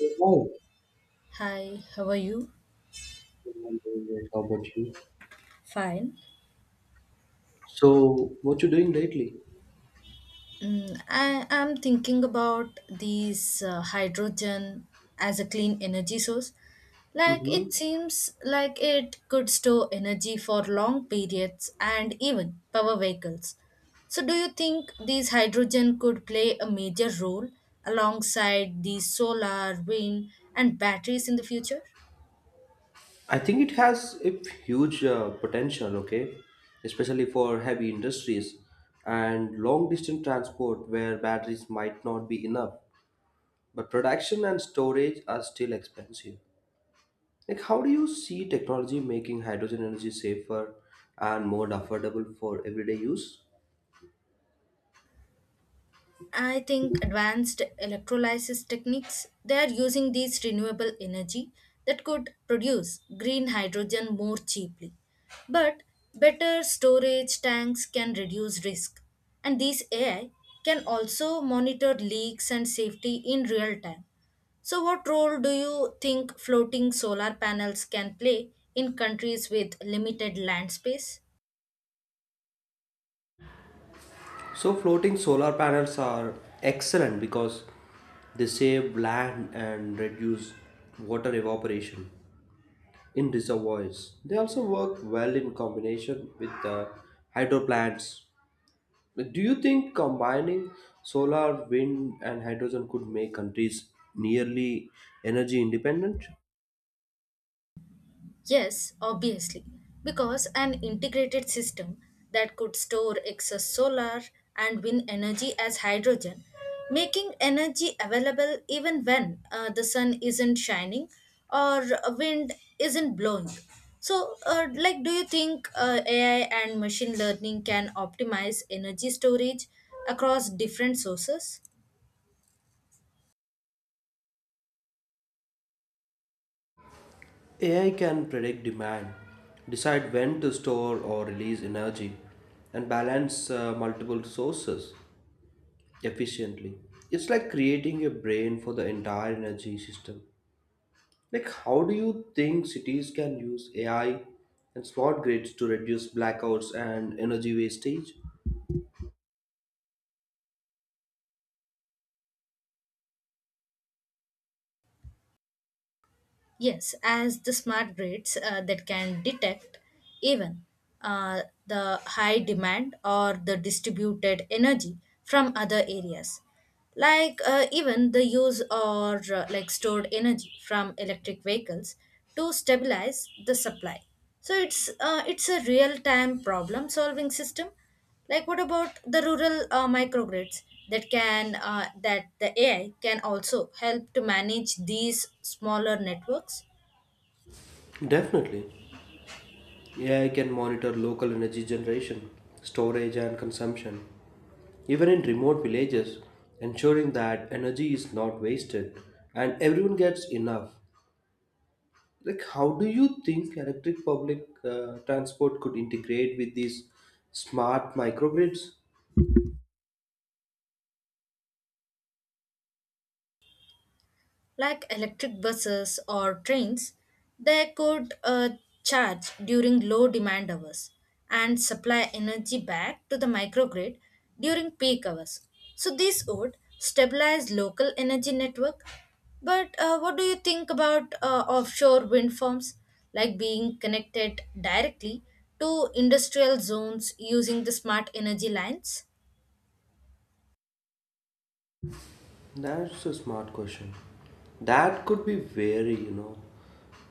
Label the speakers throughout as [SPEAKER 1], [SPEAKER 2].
[SPEAKER 1] Hi.
[SPEAKER 2] Hi, how are you?
[SPEAKER 1] I'm doing great. How about you?
[SPEAKER 2] Fine.
[SPEAKER 1] So, what you doing lately?
[SPEAKER 2] I am thinking about these hydrogen as a clean energy source. Like
[SPEAKER 1] Mm-hmm.
[SPEAKER 2] it seems like it could store energy for long periods and even power vehicles. So do you think these hydrogen could play a major role alongside the solar, wind and batteries in the future?
[SPEAKER 1] I think it has a huge potential, okay, especially for heavy industries and long distance transport where batteries might not be enough. But production and storage are still expensive. Like, how do you see technology making hydrogen energy safer and more affordable for everyday use?
[SPEAKER 2] I think advanced electrolysis techniques, they are using these renewable energy that could produce green hydrogen more cheaply. But better storage tanks can reduce risk. And these AI can also monitor leaks and safety in real time. So, what role do you think floating solar panels can play in countries with limited land space?
[SPEAKER 1] So floating solar panels are excellent because they save land and reduce water evaporation in reservoirs. They also work well in combination with hydro plants. Do you think combining solar, wind, and hydrogen could make countries nearly energy independent?
[SPEAKER 2] Yes, obviously, because an integrated system that could store excess solar and wind energy as hydrogen, making energy available even when the sun isn't shining or wind isn't blowing. So, do you think AI and machine learning can optimize energy storage across different sources?
[SPEAKER 1] AI can predict demand, decide when to store or release energy, and balance multiple sources efficiently. It's like creating a brain for the entire energy system. Like, how do you think cities can use AI and smart grids to reduce blackouts and energy wastage?
[SPEAKER 2] Yes, as the smart grids that can detect even the high demand or the distributed energy from other areas, like even the use or stored energy from electric vehicles to stabilize the supply. So it's a real time problem solving system. Like what about the rural microgrids that the AI can also help to manage these smaller networks?
[SPEAKER 1] Definitely. AI can monitor local energy generation, storage, and consumption, even in remote villages, ensuring that energy is not wasted and everyone gets enough. Like, how do you think electric public transport could integrate with these smart microgrids.
[SPEAKER 2] Like electric buses or trains, they could charge during low demand hours and supply energy back to the microgrid during peak hours. So, this would stabilize local energy network. But what do you think about offshore wind farms, like being connected directly to industrial zones using the smart energy lines?
[SPEAKER 1] That's a smart question that could be very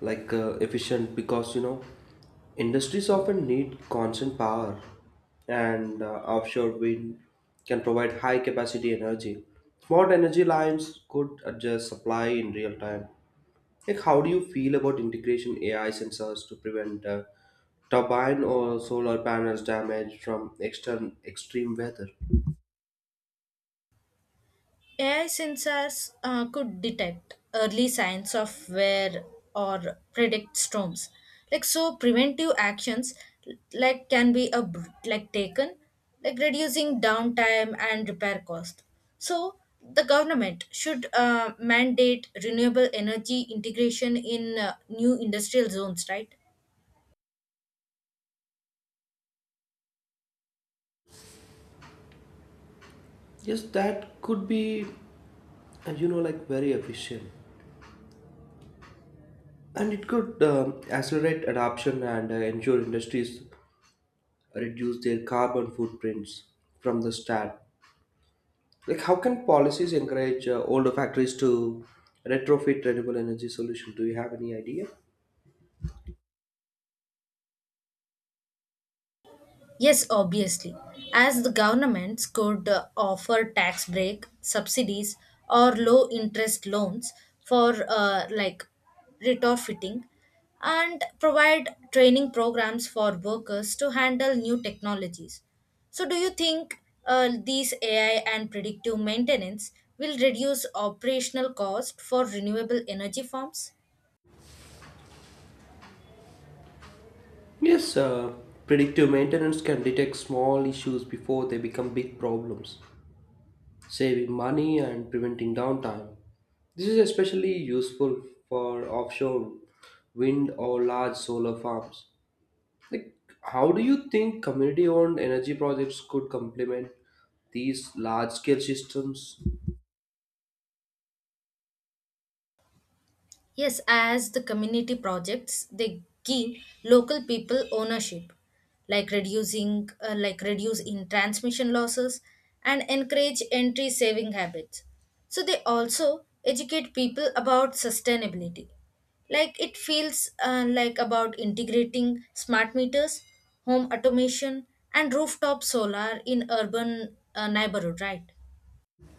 [SPEAKER 1] like efficient because industries often need constant power, and offshore wind can provide high capacity energy. Smart energy lines could adjust supply in real time. Like, how do you feel about integration AI sensors to prevent turbine or solar panels damage from extern extreme weather?
[SPEAKER 2] AI sensors could detect early signs of wear or predict storms. Like so, preventive actions like can be a, like taken, like reducing downtime and repair cost. So the government should mandate renewable energy integration in new industrial zones, right?
[SPEAKER 1] Yes, that could be, like very efficient, and it could accelerate adoption and ensure industries reduce their carbon footprints from the start. Like, how can policies encourage older factories to retrofit renewable energy solution? Do you have any idea?
[SPEAKER 2] Yes, obviously. As the governments could offer tax break, subsidies, or low interest loans for retrofitting and provide training programs for workers to handle new technologies. So, do you think these AI and predictive maintenance will reduce operational cost for renewable energy farms?
[SPEAKER 1] Yes, predictive maintenance can detect small issues before they become big problems, saving money and preventing downtime. This is especially useful for offshore wind or large solar farms. Like, how do you think community owned energy projects could complement these large scale systems?
[SPEAKER 2] Yes, as the community projects, they give local people ownership, like reducing, reduce in transmission losses and encourage entry saving habits. So they also educate people about sustainability. Like it feels like about integrating smart meters, home automation, and rooftop solar in urban neighborhood, right?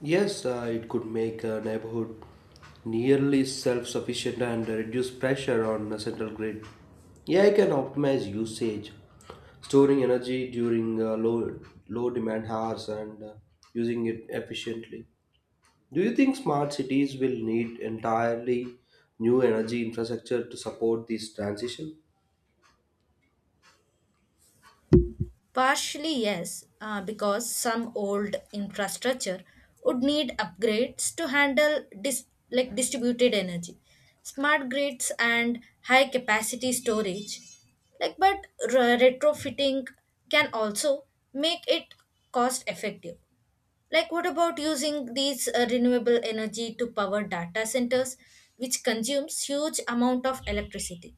[SPEAKER 1] Yes, it could make a neighborhood nearly self-sufficient and reduce pressure on the central grid. Yeah, AI can optimize usage, storing energy during low demand hours and using it efficiently. Do you think smart cities will need entirely new energy infrastructure to support this transition?
[SPEAKER 2] Partially, yes, because some old infrastructure would need upgrades to handle like distributed energy, smart grids, and high capacity storage. Like, but retrofitting can also make it cost effective. Like, what about using these renewable energy to power data centers, which consumes huge amount of electricity?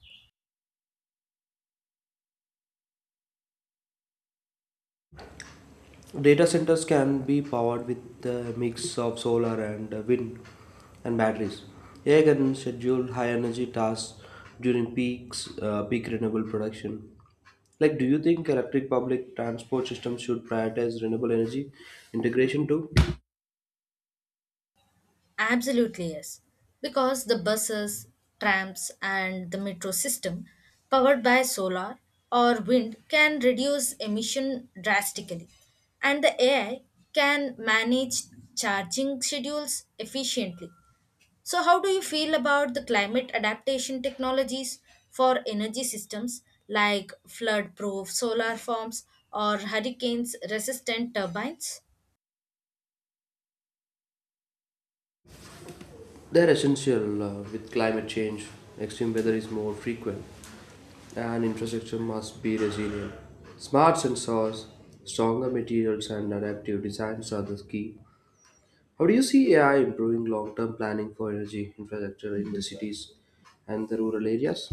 [SPEAKER 1] Data centers can be powered with a mix of solar and wind and batteries. AI can schedule high energy tasks during peak renewable production. Like, do you think electric public transport systems should prioritize renewable energy integration too?
[SPEAKER 2] Absolutely, yes. Because the buses, trams, and the metro system powered by solar or wind can reduce emission drastically. And the AI can manage charging schedules efficiently. So, how do you feel about the climate adaptation technologies for energy systems like flood proof solar farms or hurricanes resistant turbines?
[SPEAKER 1] They're essential. With climate change, extreme weather is more frequent, and infrastructure must be resilient. Smart sensors, stronger materials, and adaptive designs are the key. How do you see AI improving long term planning for energy infrastructure in the cities and the rural areas?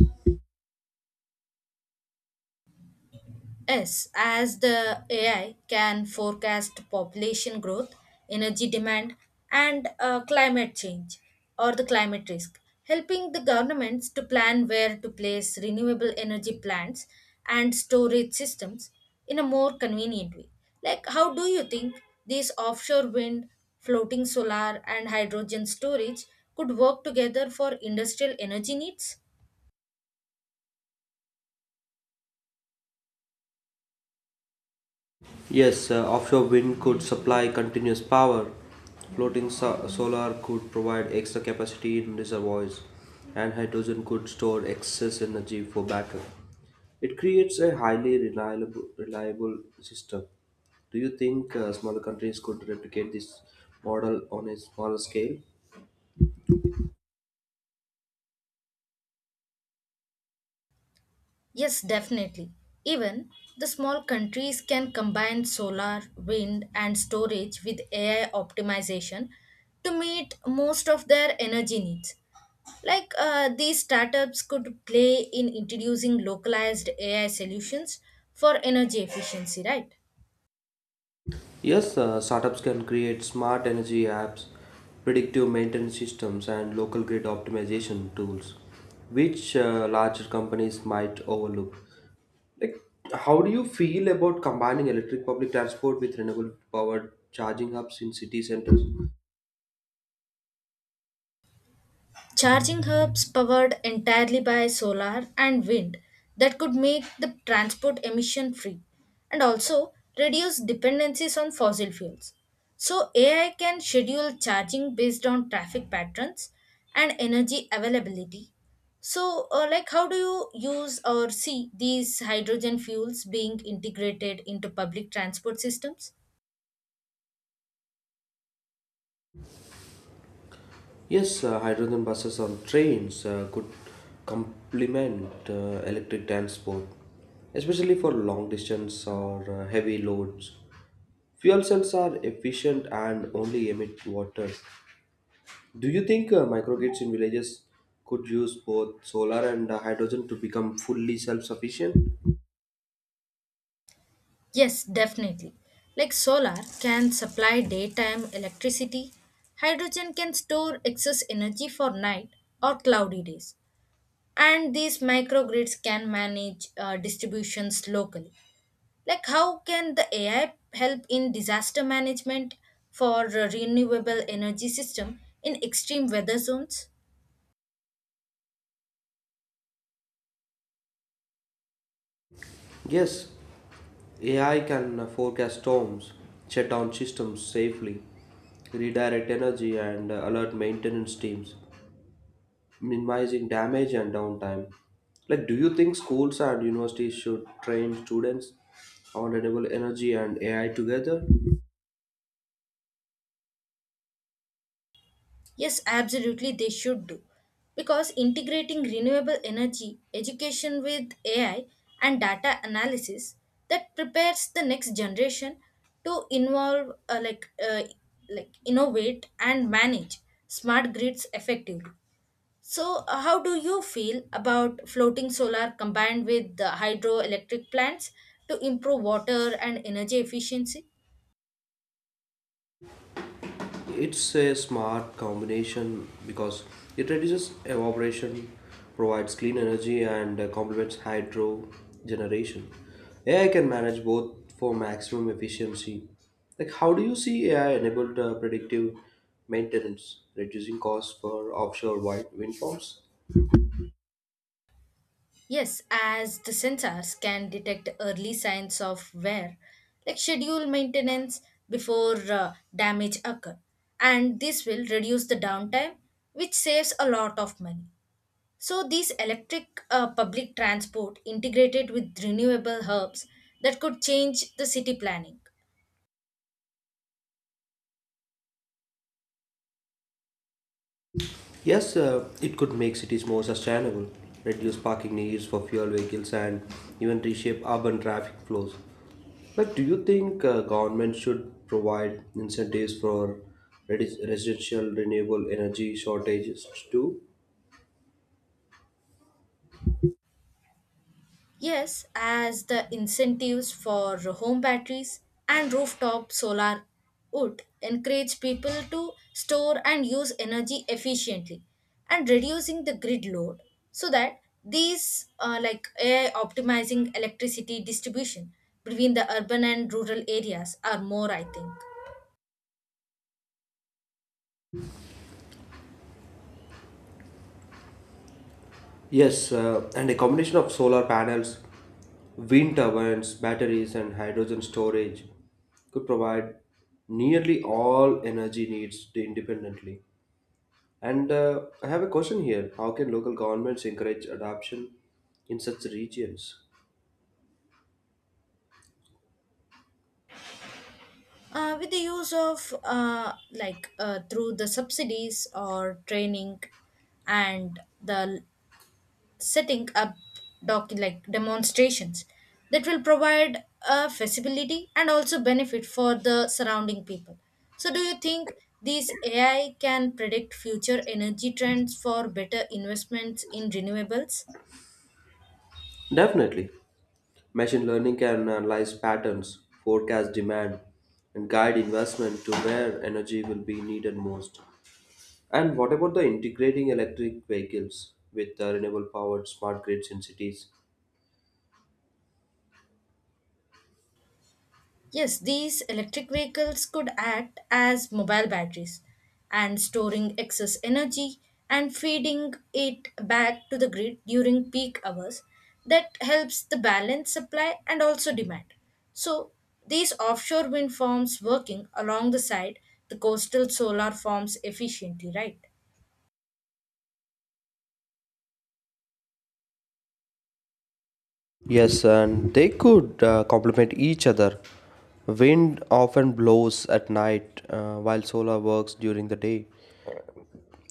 [SPEAKER 2] Yes, as the AI can forecast population growth, energy demand, and climate change or the climate risk, helping the governments to plan where to place renewable energy plants and storage systems in a more convenient way. Like, how do you think these offshore wind, floating solar, and hydrogen storage could work together for industrial energy needs?
[SPEAKER 1] Yes, offshore wind could supply continuous power. Floating solar could provide extra capacity in reservoirs, and hydrogen could store excess energy for backup. It creates a highly reliable system. Do you think smaller countries could replicate this model on a smaller scale?
[SPEAKER 2] Yes, definitely. Even the small countries can combine solar, wind, and storage with AI optimization to meet most of their energy needs. Like these startups could play in introducing localized AI solutions for energy efficiency, right?
[SPEAKER 1] Yes, startups can create smart energy apps, predictive maintenance systems, and local grid optimization tools, which larger companies might overlook. Like, how do you feel about combining electric public transport with renewable powered charging hubs in city centers?
[SPEAKER 2] Charging hubs powered entirely by solar and wind that could make the transport emission free and also reduce dependencies on fossil fuels. So, AI can schedule charging based on traffic patterns and energy availability. So, how do you use or see these hydrogen fuels being integrated into public transport systems?
[SPEAKER 1] Yes, hydrogen buses or trains could complement electric transport, especially for long distance or heavy loads. Fuel cells are efficient and only emit water. Do you think microgrids in villages could use both solar and hydrogen to become fully self sufficient?
[SPEAKER 2] Yes, definitely. Like solar can supply daytime electricity, hydrogen can store excess energy for night or cloudy days, and these microgrids can manage distributions locally. Like, how can the AI help in disaster management for renewable energy system in extreme weather zones?
[SPEAKER 1] Yes, AI can forecast storms, shut down systems safely, redirect energy, and alert maintenance teams, minimizing damage and downtime. Like, do you think schools and universities should train students on renewable energy and AI together?
[SPEAKER 2] Yes, absolutely, they should do. Because integrating renewable energy, education with AI, and data analysis that prepares the next generation to involve, innovate and manage smart grids effectively. So, how do you feel about floating solar combined with the hydroelectric plants to improve water and energy efficiency?
[SPEAKER 1] It's a smart combination because it reduces evaporation, provides clean energy, and complements hydro generation. AI can manage both for maximum efficiency. Like, how do you see AI enabled predictive maintenance, reducing costs for offshore wind farms?
[SPEAKER 2] Yes, as the sensors can detect early signs of wear, like schedule maintenance before damage occur, and this will reduce the downtime, which saves a lot of money. So these electric public transport integrated with renewable hubs that could change the city planning.
[SPEAKER 1] Yes, it could make cities more sustainable, reduce parking needs for fuel vehicles, and even reshape urban traffic flows. But do you think government should provide incentives for residential renewable energy shortages too?
[SPEAKER 2] Yes, as the incentives for home batteries and rooftop solar would encourage people to store and use energy efficiently and reducing the grid load so that these AI optimizing electricity distribution between the urban and rural areas are more I think.
[SPEAKER 1] Yes, and a combination of solar panels, wind turbines, batteries, and hydrogen storage could provide nearly all energy needs independently. And I have a question here. How can local governments encourage adoption in such regions?
[SPEAKER 2] With the use of through the subsidies or training and the setting up like demonstrations that will provide a feasibility and also benefit for the surrounding people. So, do you think these AI can predict future energy trends for better investments in renewables?
[SPEAKER 1] Definitely. Machine learning can analyze patterns, forecast demand, and guide investment to where energy will be needed most. And what about the integrating electric vehicles with renewable powered smart grids in cities?
[SPEAKER 2] Yes, these electric vehicles could act as mobile batteries and storing excess energy and feeding it back to the grid during peak hours. That helps the balance supply and also demand. So, these offshore wind farms working along the side, the coastal solar farms efficiently, right?
[SPEAKER 1] Yes, and they could complement each other. Wind often blows at night while solar works during the day.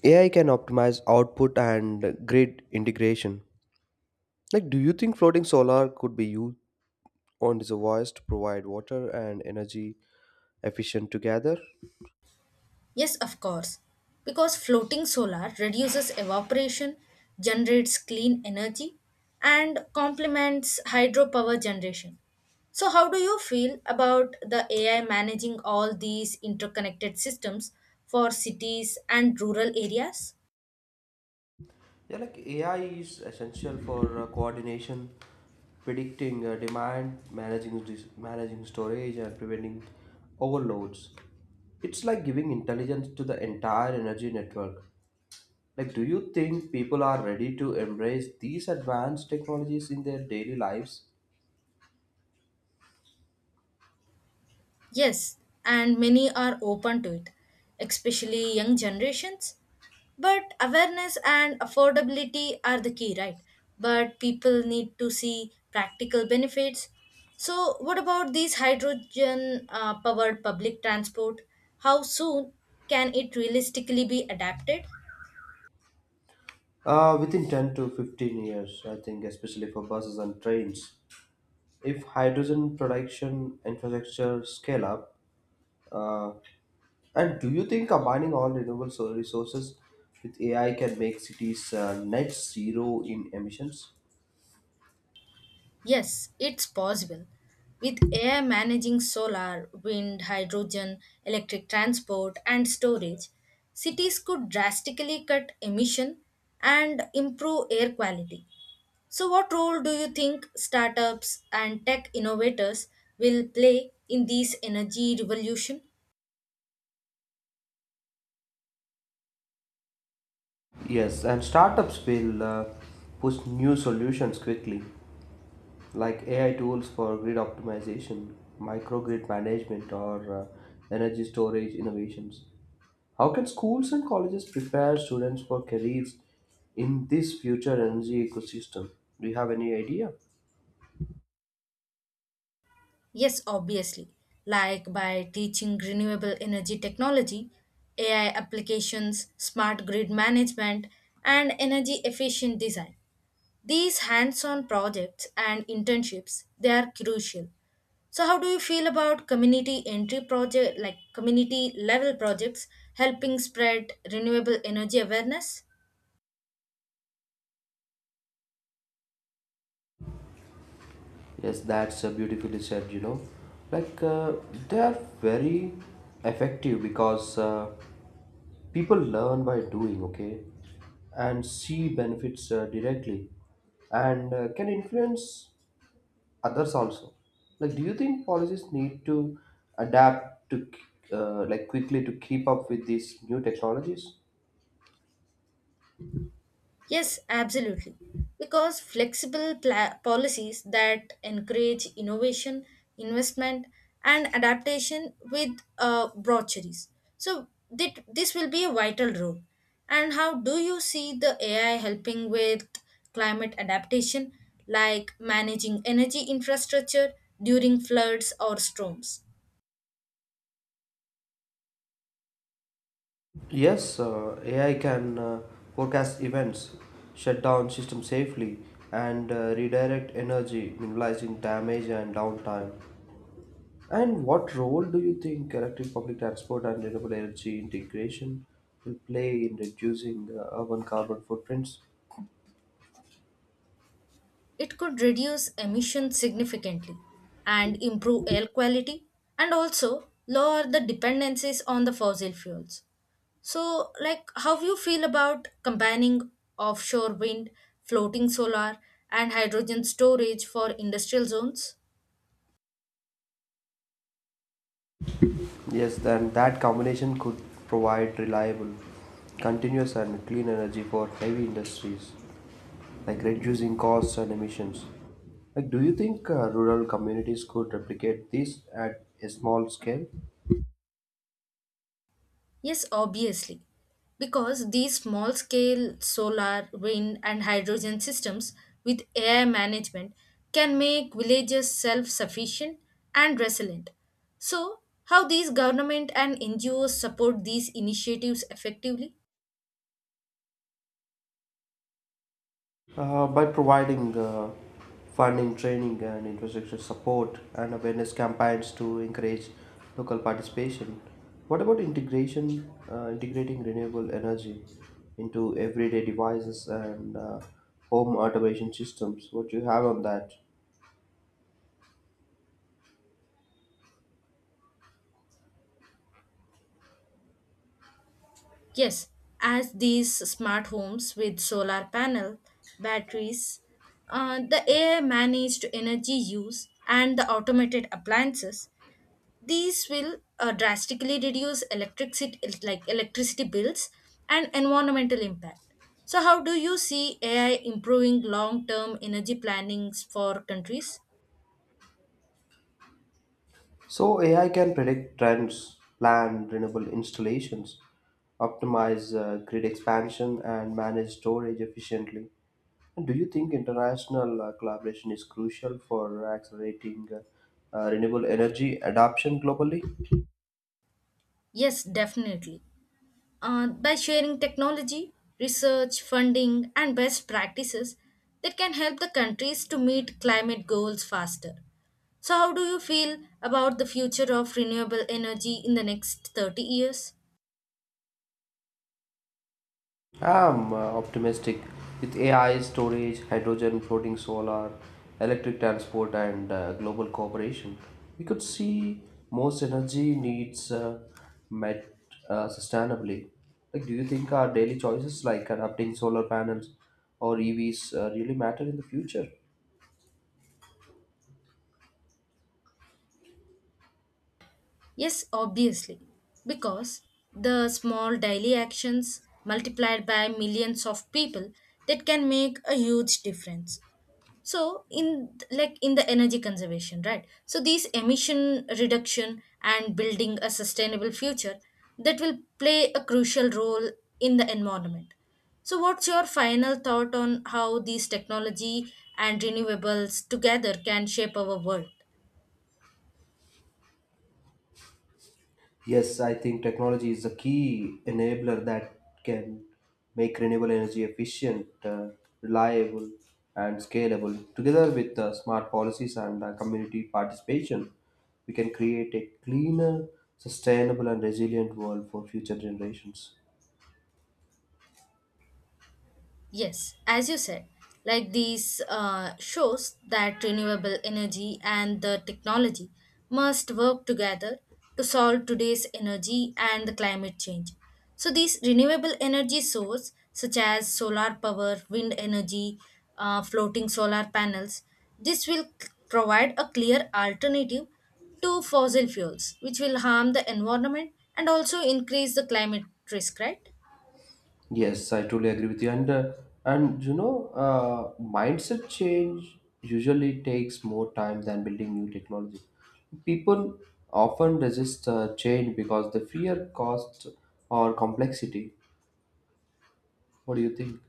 [SPEAKER 1] AI can optimize output and grid integration. Like, do you think floating solar could be used on reservoirs to provide water and energy efficient together?
[SPEAKER 2] Yes, of course. Because floating solar reduces evaporation, generates clean energy, and complements hydropower generation. So, how do you feel about the AI managing all these interconnected systems for cities and rural areas?
[SPEAKER 1] Yeah, like AI is essential for coordination, predicting demand, managing storage, and preventing overloads. It's like giving intelligence to the entire energy network. Like, do you think people are ready to embrace these advanced technologies in their daily lives?
[SPEAKER 2] Yes, and many are open to it, especially young generations. But awareness and affordability are the key, right? But people need to see practical benefits. So, what about these hydrogen powered public transport? How soon can it realistically be adapted?
[SPEAKER 1] Within 10 to 15 years, I think, especially for buses and trains. If hydrogen production infrastructure scale up, uh, and do you think combining all renewable solar resources with AI can make cities net zero in emissions?
[SPEAKER 2] Yes, it's possible. With AI managing solar, wind, hydrogen, electric transport, and storage, cities could drastically cut emission and improve air quality. So, what role do you think startups and tech innovators will play in this energy revolution?
[SPEAKER 1] Yes, and startups will push new solutions quickly. Like, AI tools for grid optimization, microgrid management, or energy storage innovations. How can schools and colleges prepare students for careers in this future energy ecosystem? Do you have any idea?
[SPEAKER 2] Yes, obviously. Like by teaching renewable energy technology, AI applications, smart grid management, and energy efficient design. These hands-on projects and internships, they are crucial. So how do you feel about community entry project like community level projects helping spread renewable energy awareness?
[SPEAKER 1] Yes, that's beautifully said. Like, they are very effective because people learn by doing, okay, and see benefits directly, and can influence others also. Like, do you think policies need to adapt to like quickly to keep up with these new technologies?
[SPEAKER 2] Yes, absolutely. Because flexible policies that encourage innovation, investment, and adaptation with broacheries. So, that this will be a vital role. And how do you see the AI helping with climate adaptation, like managing energy infrastructure during floods or storms?
[SPEAKER 1] Yes, AI can forecast events, shut down systems safely, and redirect energy, minimizing damage and downtime. And what role do you think electric public transport and renewable energy integration will play in reducing urban carbon footprints?
[SPEAKER 2] It could reduce emissions significantly and improve air quality and also lower the dependencies on the fossil fuels. So, like, how you feel about combining offshore wind, floating solar, and hydrogen storage for industrial zones?
[SPEAKER 1] Yes, then that combination could provide reliable, continuous, and clean energy for heavy industries, like reducing costs and emissions. Like, do you think rural communities could replicate this at a small scale?
[SPEAKER 2] Yes, obviously. Because these small scale solar, wind, and hydrogen systems with AI management can make villages self sufficient and resilient. So, how these government and NGOs support these initiatives effectively?
[SPEAKER 1] By providing funding, training, and infrastructure support and awareness campaigns to encourage local participation. What about integrating renewable energy into everyday devices and home automation systems? What do you have on that?
[SPEAKER 2] Yes, as these smart homes with solar panel, batteries, the AI managed energy use, and the automated appliances. These will drastically reduce electricity like electricity bills and environmental impact. So how do you see AI improving long-term energy plannings for countries?
[SPEAKER 1] So AI can predict trends, plan renewable installations, optimize grid expansion, and manage storage efficiently. And do you think international collaboration is crucial for accelerating renewable energy adoption globally?
[SPEAKER 2] Yes, definitely. By sharing technology, research, funding, and best practices that can help the countries to meet climate goals faster. So, how do you feel about the future of renewable energy in the next 30 years?
[SPEAKER 1] I'm optimistic with AI storage, hydrogen, floating solar, electric transport, and global cooperation. We could see most energy needs met sustainably. Like, do you think our daily choices, like adapting solar panels or EVs, really matter in the future?
[SPEAKER 2] Yes, obviously, because the small daily actions multiplied by millions of people that can make a huge difference. So in like in the energy conservation, right? So these emission reduction and building a sustainable future that will play a crucial role in the environment. So what's your final thought on how these technology and renewables together can shape our world?
[SPEAKER 1] Yes, I think technology is a key enabler that can make renewable energy efficient, reliable, and scalable. Together with smart policies and community participation, we can create a cleaner, sustainable, and resilient world for future generations.
[SPEAKER 2] Yes, as you said, like these shows that renewable energy and the technology must work together to solve today's energy and the climate change. So these renewable energy source such as solar power, wind energy, floating solar panels, this will provide a clear alternative to fossil fuels, which will harm the environment and also increase the climate risk, right?
[SPEAKER 1] Yes, I totally agree with you. And mindset change usually takes more time than building new technology. People often resist change because they fear cost or complexity. What do you think?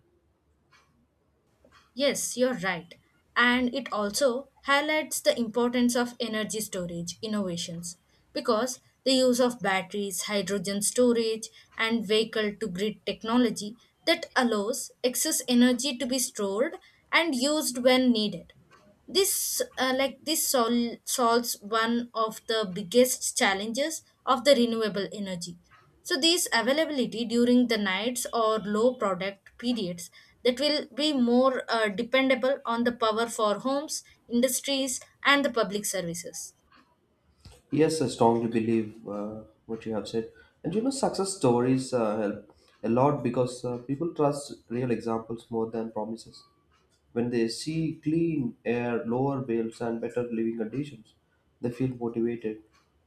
[SPEAKER 2] Yes, you're right. And it also highlights the importance of energy storage innovations because the use of batteries, hydrogen storage, and vehicle to grid technology that allows excess energy to be stored and used when needed. This this solves one of the biggest challenges of the renewable energy, so this availability during the nights or low product periods, that will be more dependable on the power for homes industries and the public services.
[SPEAKER 1] Yes, I strongly believe what you have said. And success stories help a lot because people trust real examples more than promises. When they see clean air, lower bills, and better living conditions, they feel motivated.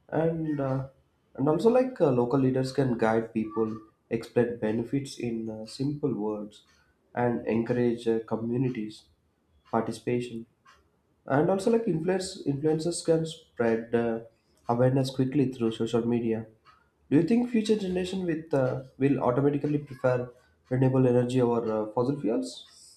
[SPEAKER 1] And uh, and also like local leaders can guide people, explain benefits in simple words, and encourage communities participation. And also like influencers can spread awareness quickly through social media. Do you think future generation with will automatically prefer renewable energy over fossil fuels?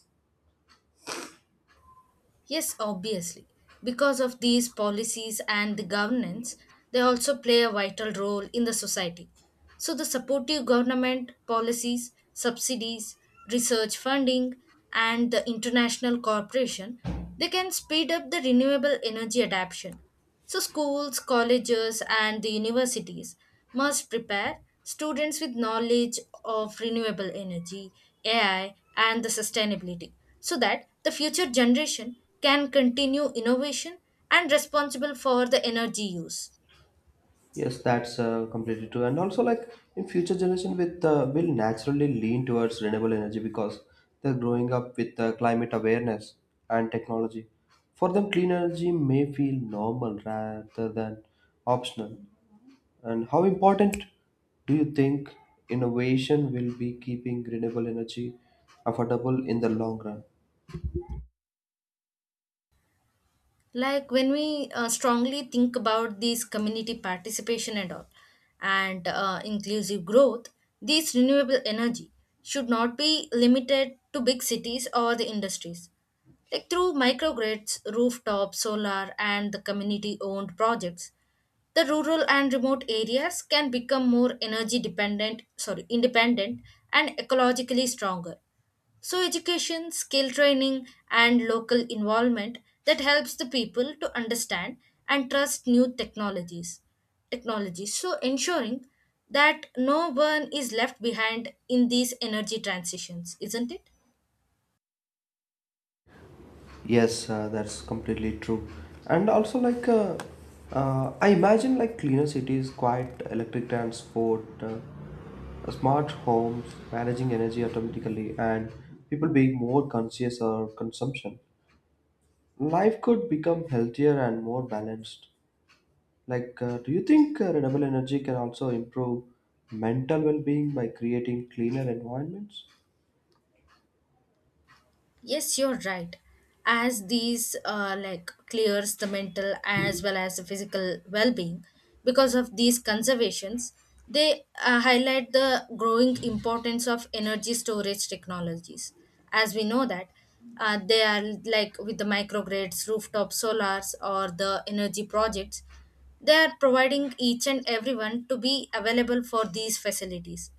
[SPEAKER 2] Yes, obviously. Because of these policies and the governance, they also play a vital role in the society. So, the supportive government policies, subsidies, research funding, and the international cooperation, they can speed up the renewable energy adoption. So, schools, colleges, and the universities must prepare students with knowledge of renewable energy, AI, and the sustainability so that the future generation can continue innovation and responsible for the energy use.
[SPEAKER 1] Yes, that's completely true. And also, like in future generation, with will naturally lean towards renewable energy because they're growing up with climate awareness and technology. For them, clean energy may feel normal rather than optional. And how important do you think innovation will be keeping renewable energy affordable in the long run?
[SPEAKER 2] Like when we strongly think about these community participation and all, and inclusive growth, these renewable energy should not be limited to big cities or the industries. Like through microgrids, rooftop, solar, and the community owned projects, the rural and remote areas can become more energy dependent, sorry, independent and ecologically stronger. So, education, skill training, and local involvement that helps the people to understand and trust new technologies. Technologies, so ensuring that no one is left behind in these energy transitions, isn't it?
[SPEAKER 1] Yes, that's completely true. And also, like, I imagine like cleaner cities, quiet electric transport, smart homes, managing energy automatically, and people being more conscious of consumption. Life could become healthier and more balanced. Like, do you think renewable energy can also improve mental well-being by creating cleaner environments?
[SPEAKER 2] Yes, you're right. As these like clears the mental as well as the physical well-being, because of these conservations, they highlight the growing importance of energy storage technologies. As we know that they are like with the microgrids, rooftop solars, or the energy projects, they are providing each and everyone to be available for these facilities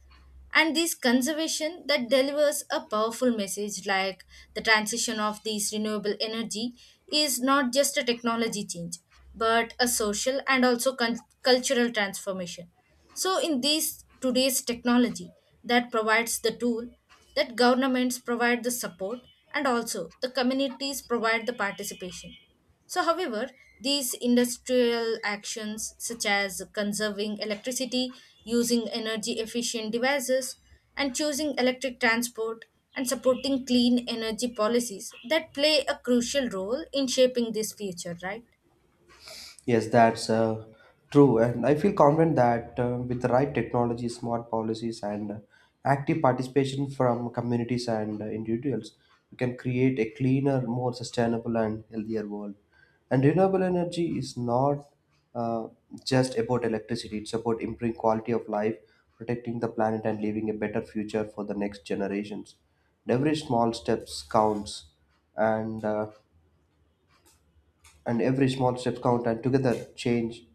[SPEAKER 2] and this conservation that delivers a powerful message like the transition of these renewable energy is not just a technology change but a social and also cultural transformation. So in this today's technology that provides the tool, that governments provide the support, and also the communities provide the participation, so, however, these industrial actions, such as conserving electricity, using energy efficient devices, and choosing electric transport, and supporting clean energy policies, that play a crucial role in shaping this future, right?
[SPEAKER 1] Yes, that's true. And I feel confident that with the right technology, smart policies, and active participation from communities and individuals, we can create a cleaner, more sustainable, and healthier world. And renewable energy is not uh, just about electricity, it's about improving quality of life, protecting the planet, and leaving a better future for the next generations. And every small steps counts, and, uh, and every small steps count, and together change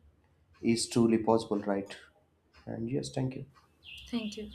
[SPEAKER 1] is truly possible, right? And yes, thank you.
[SPEAKER 2] Thank you.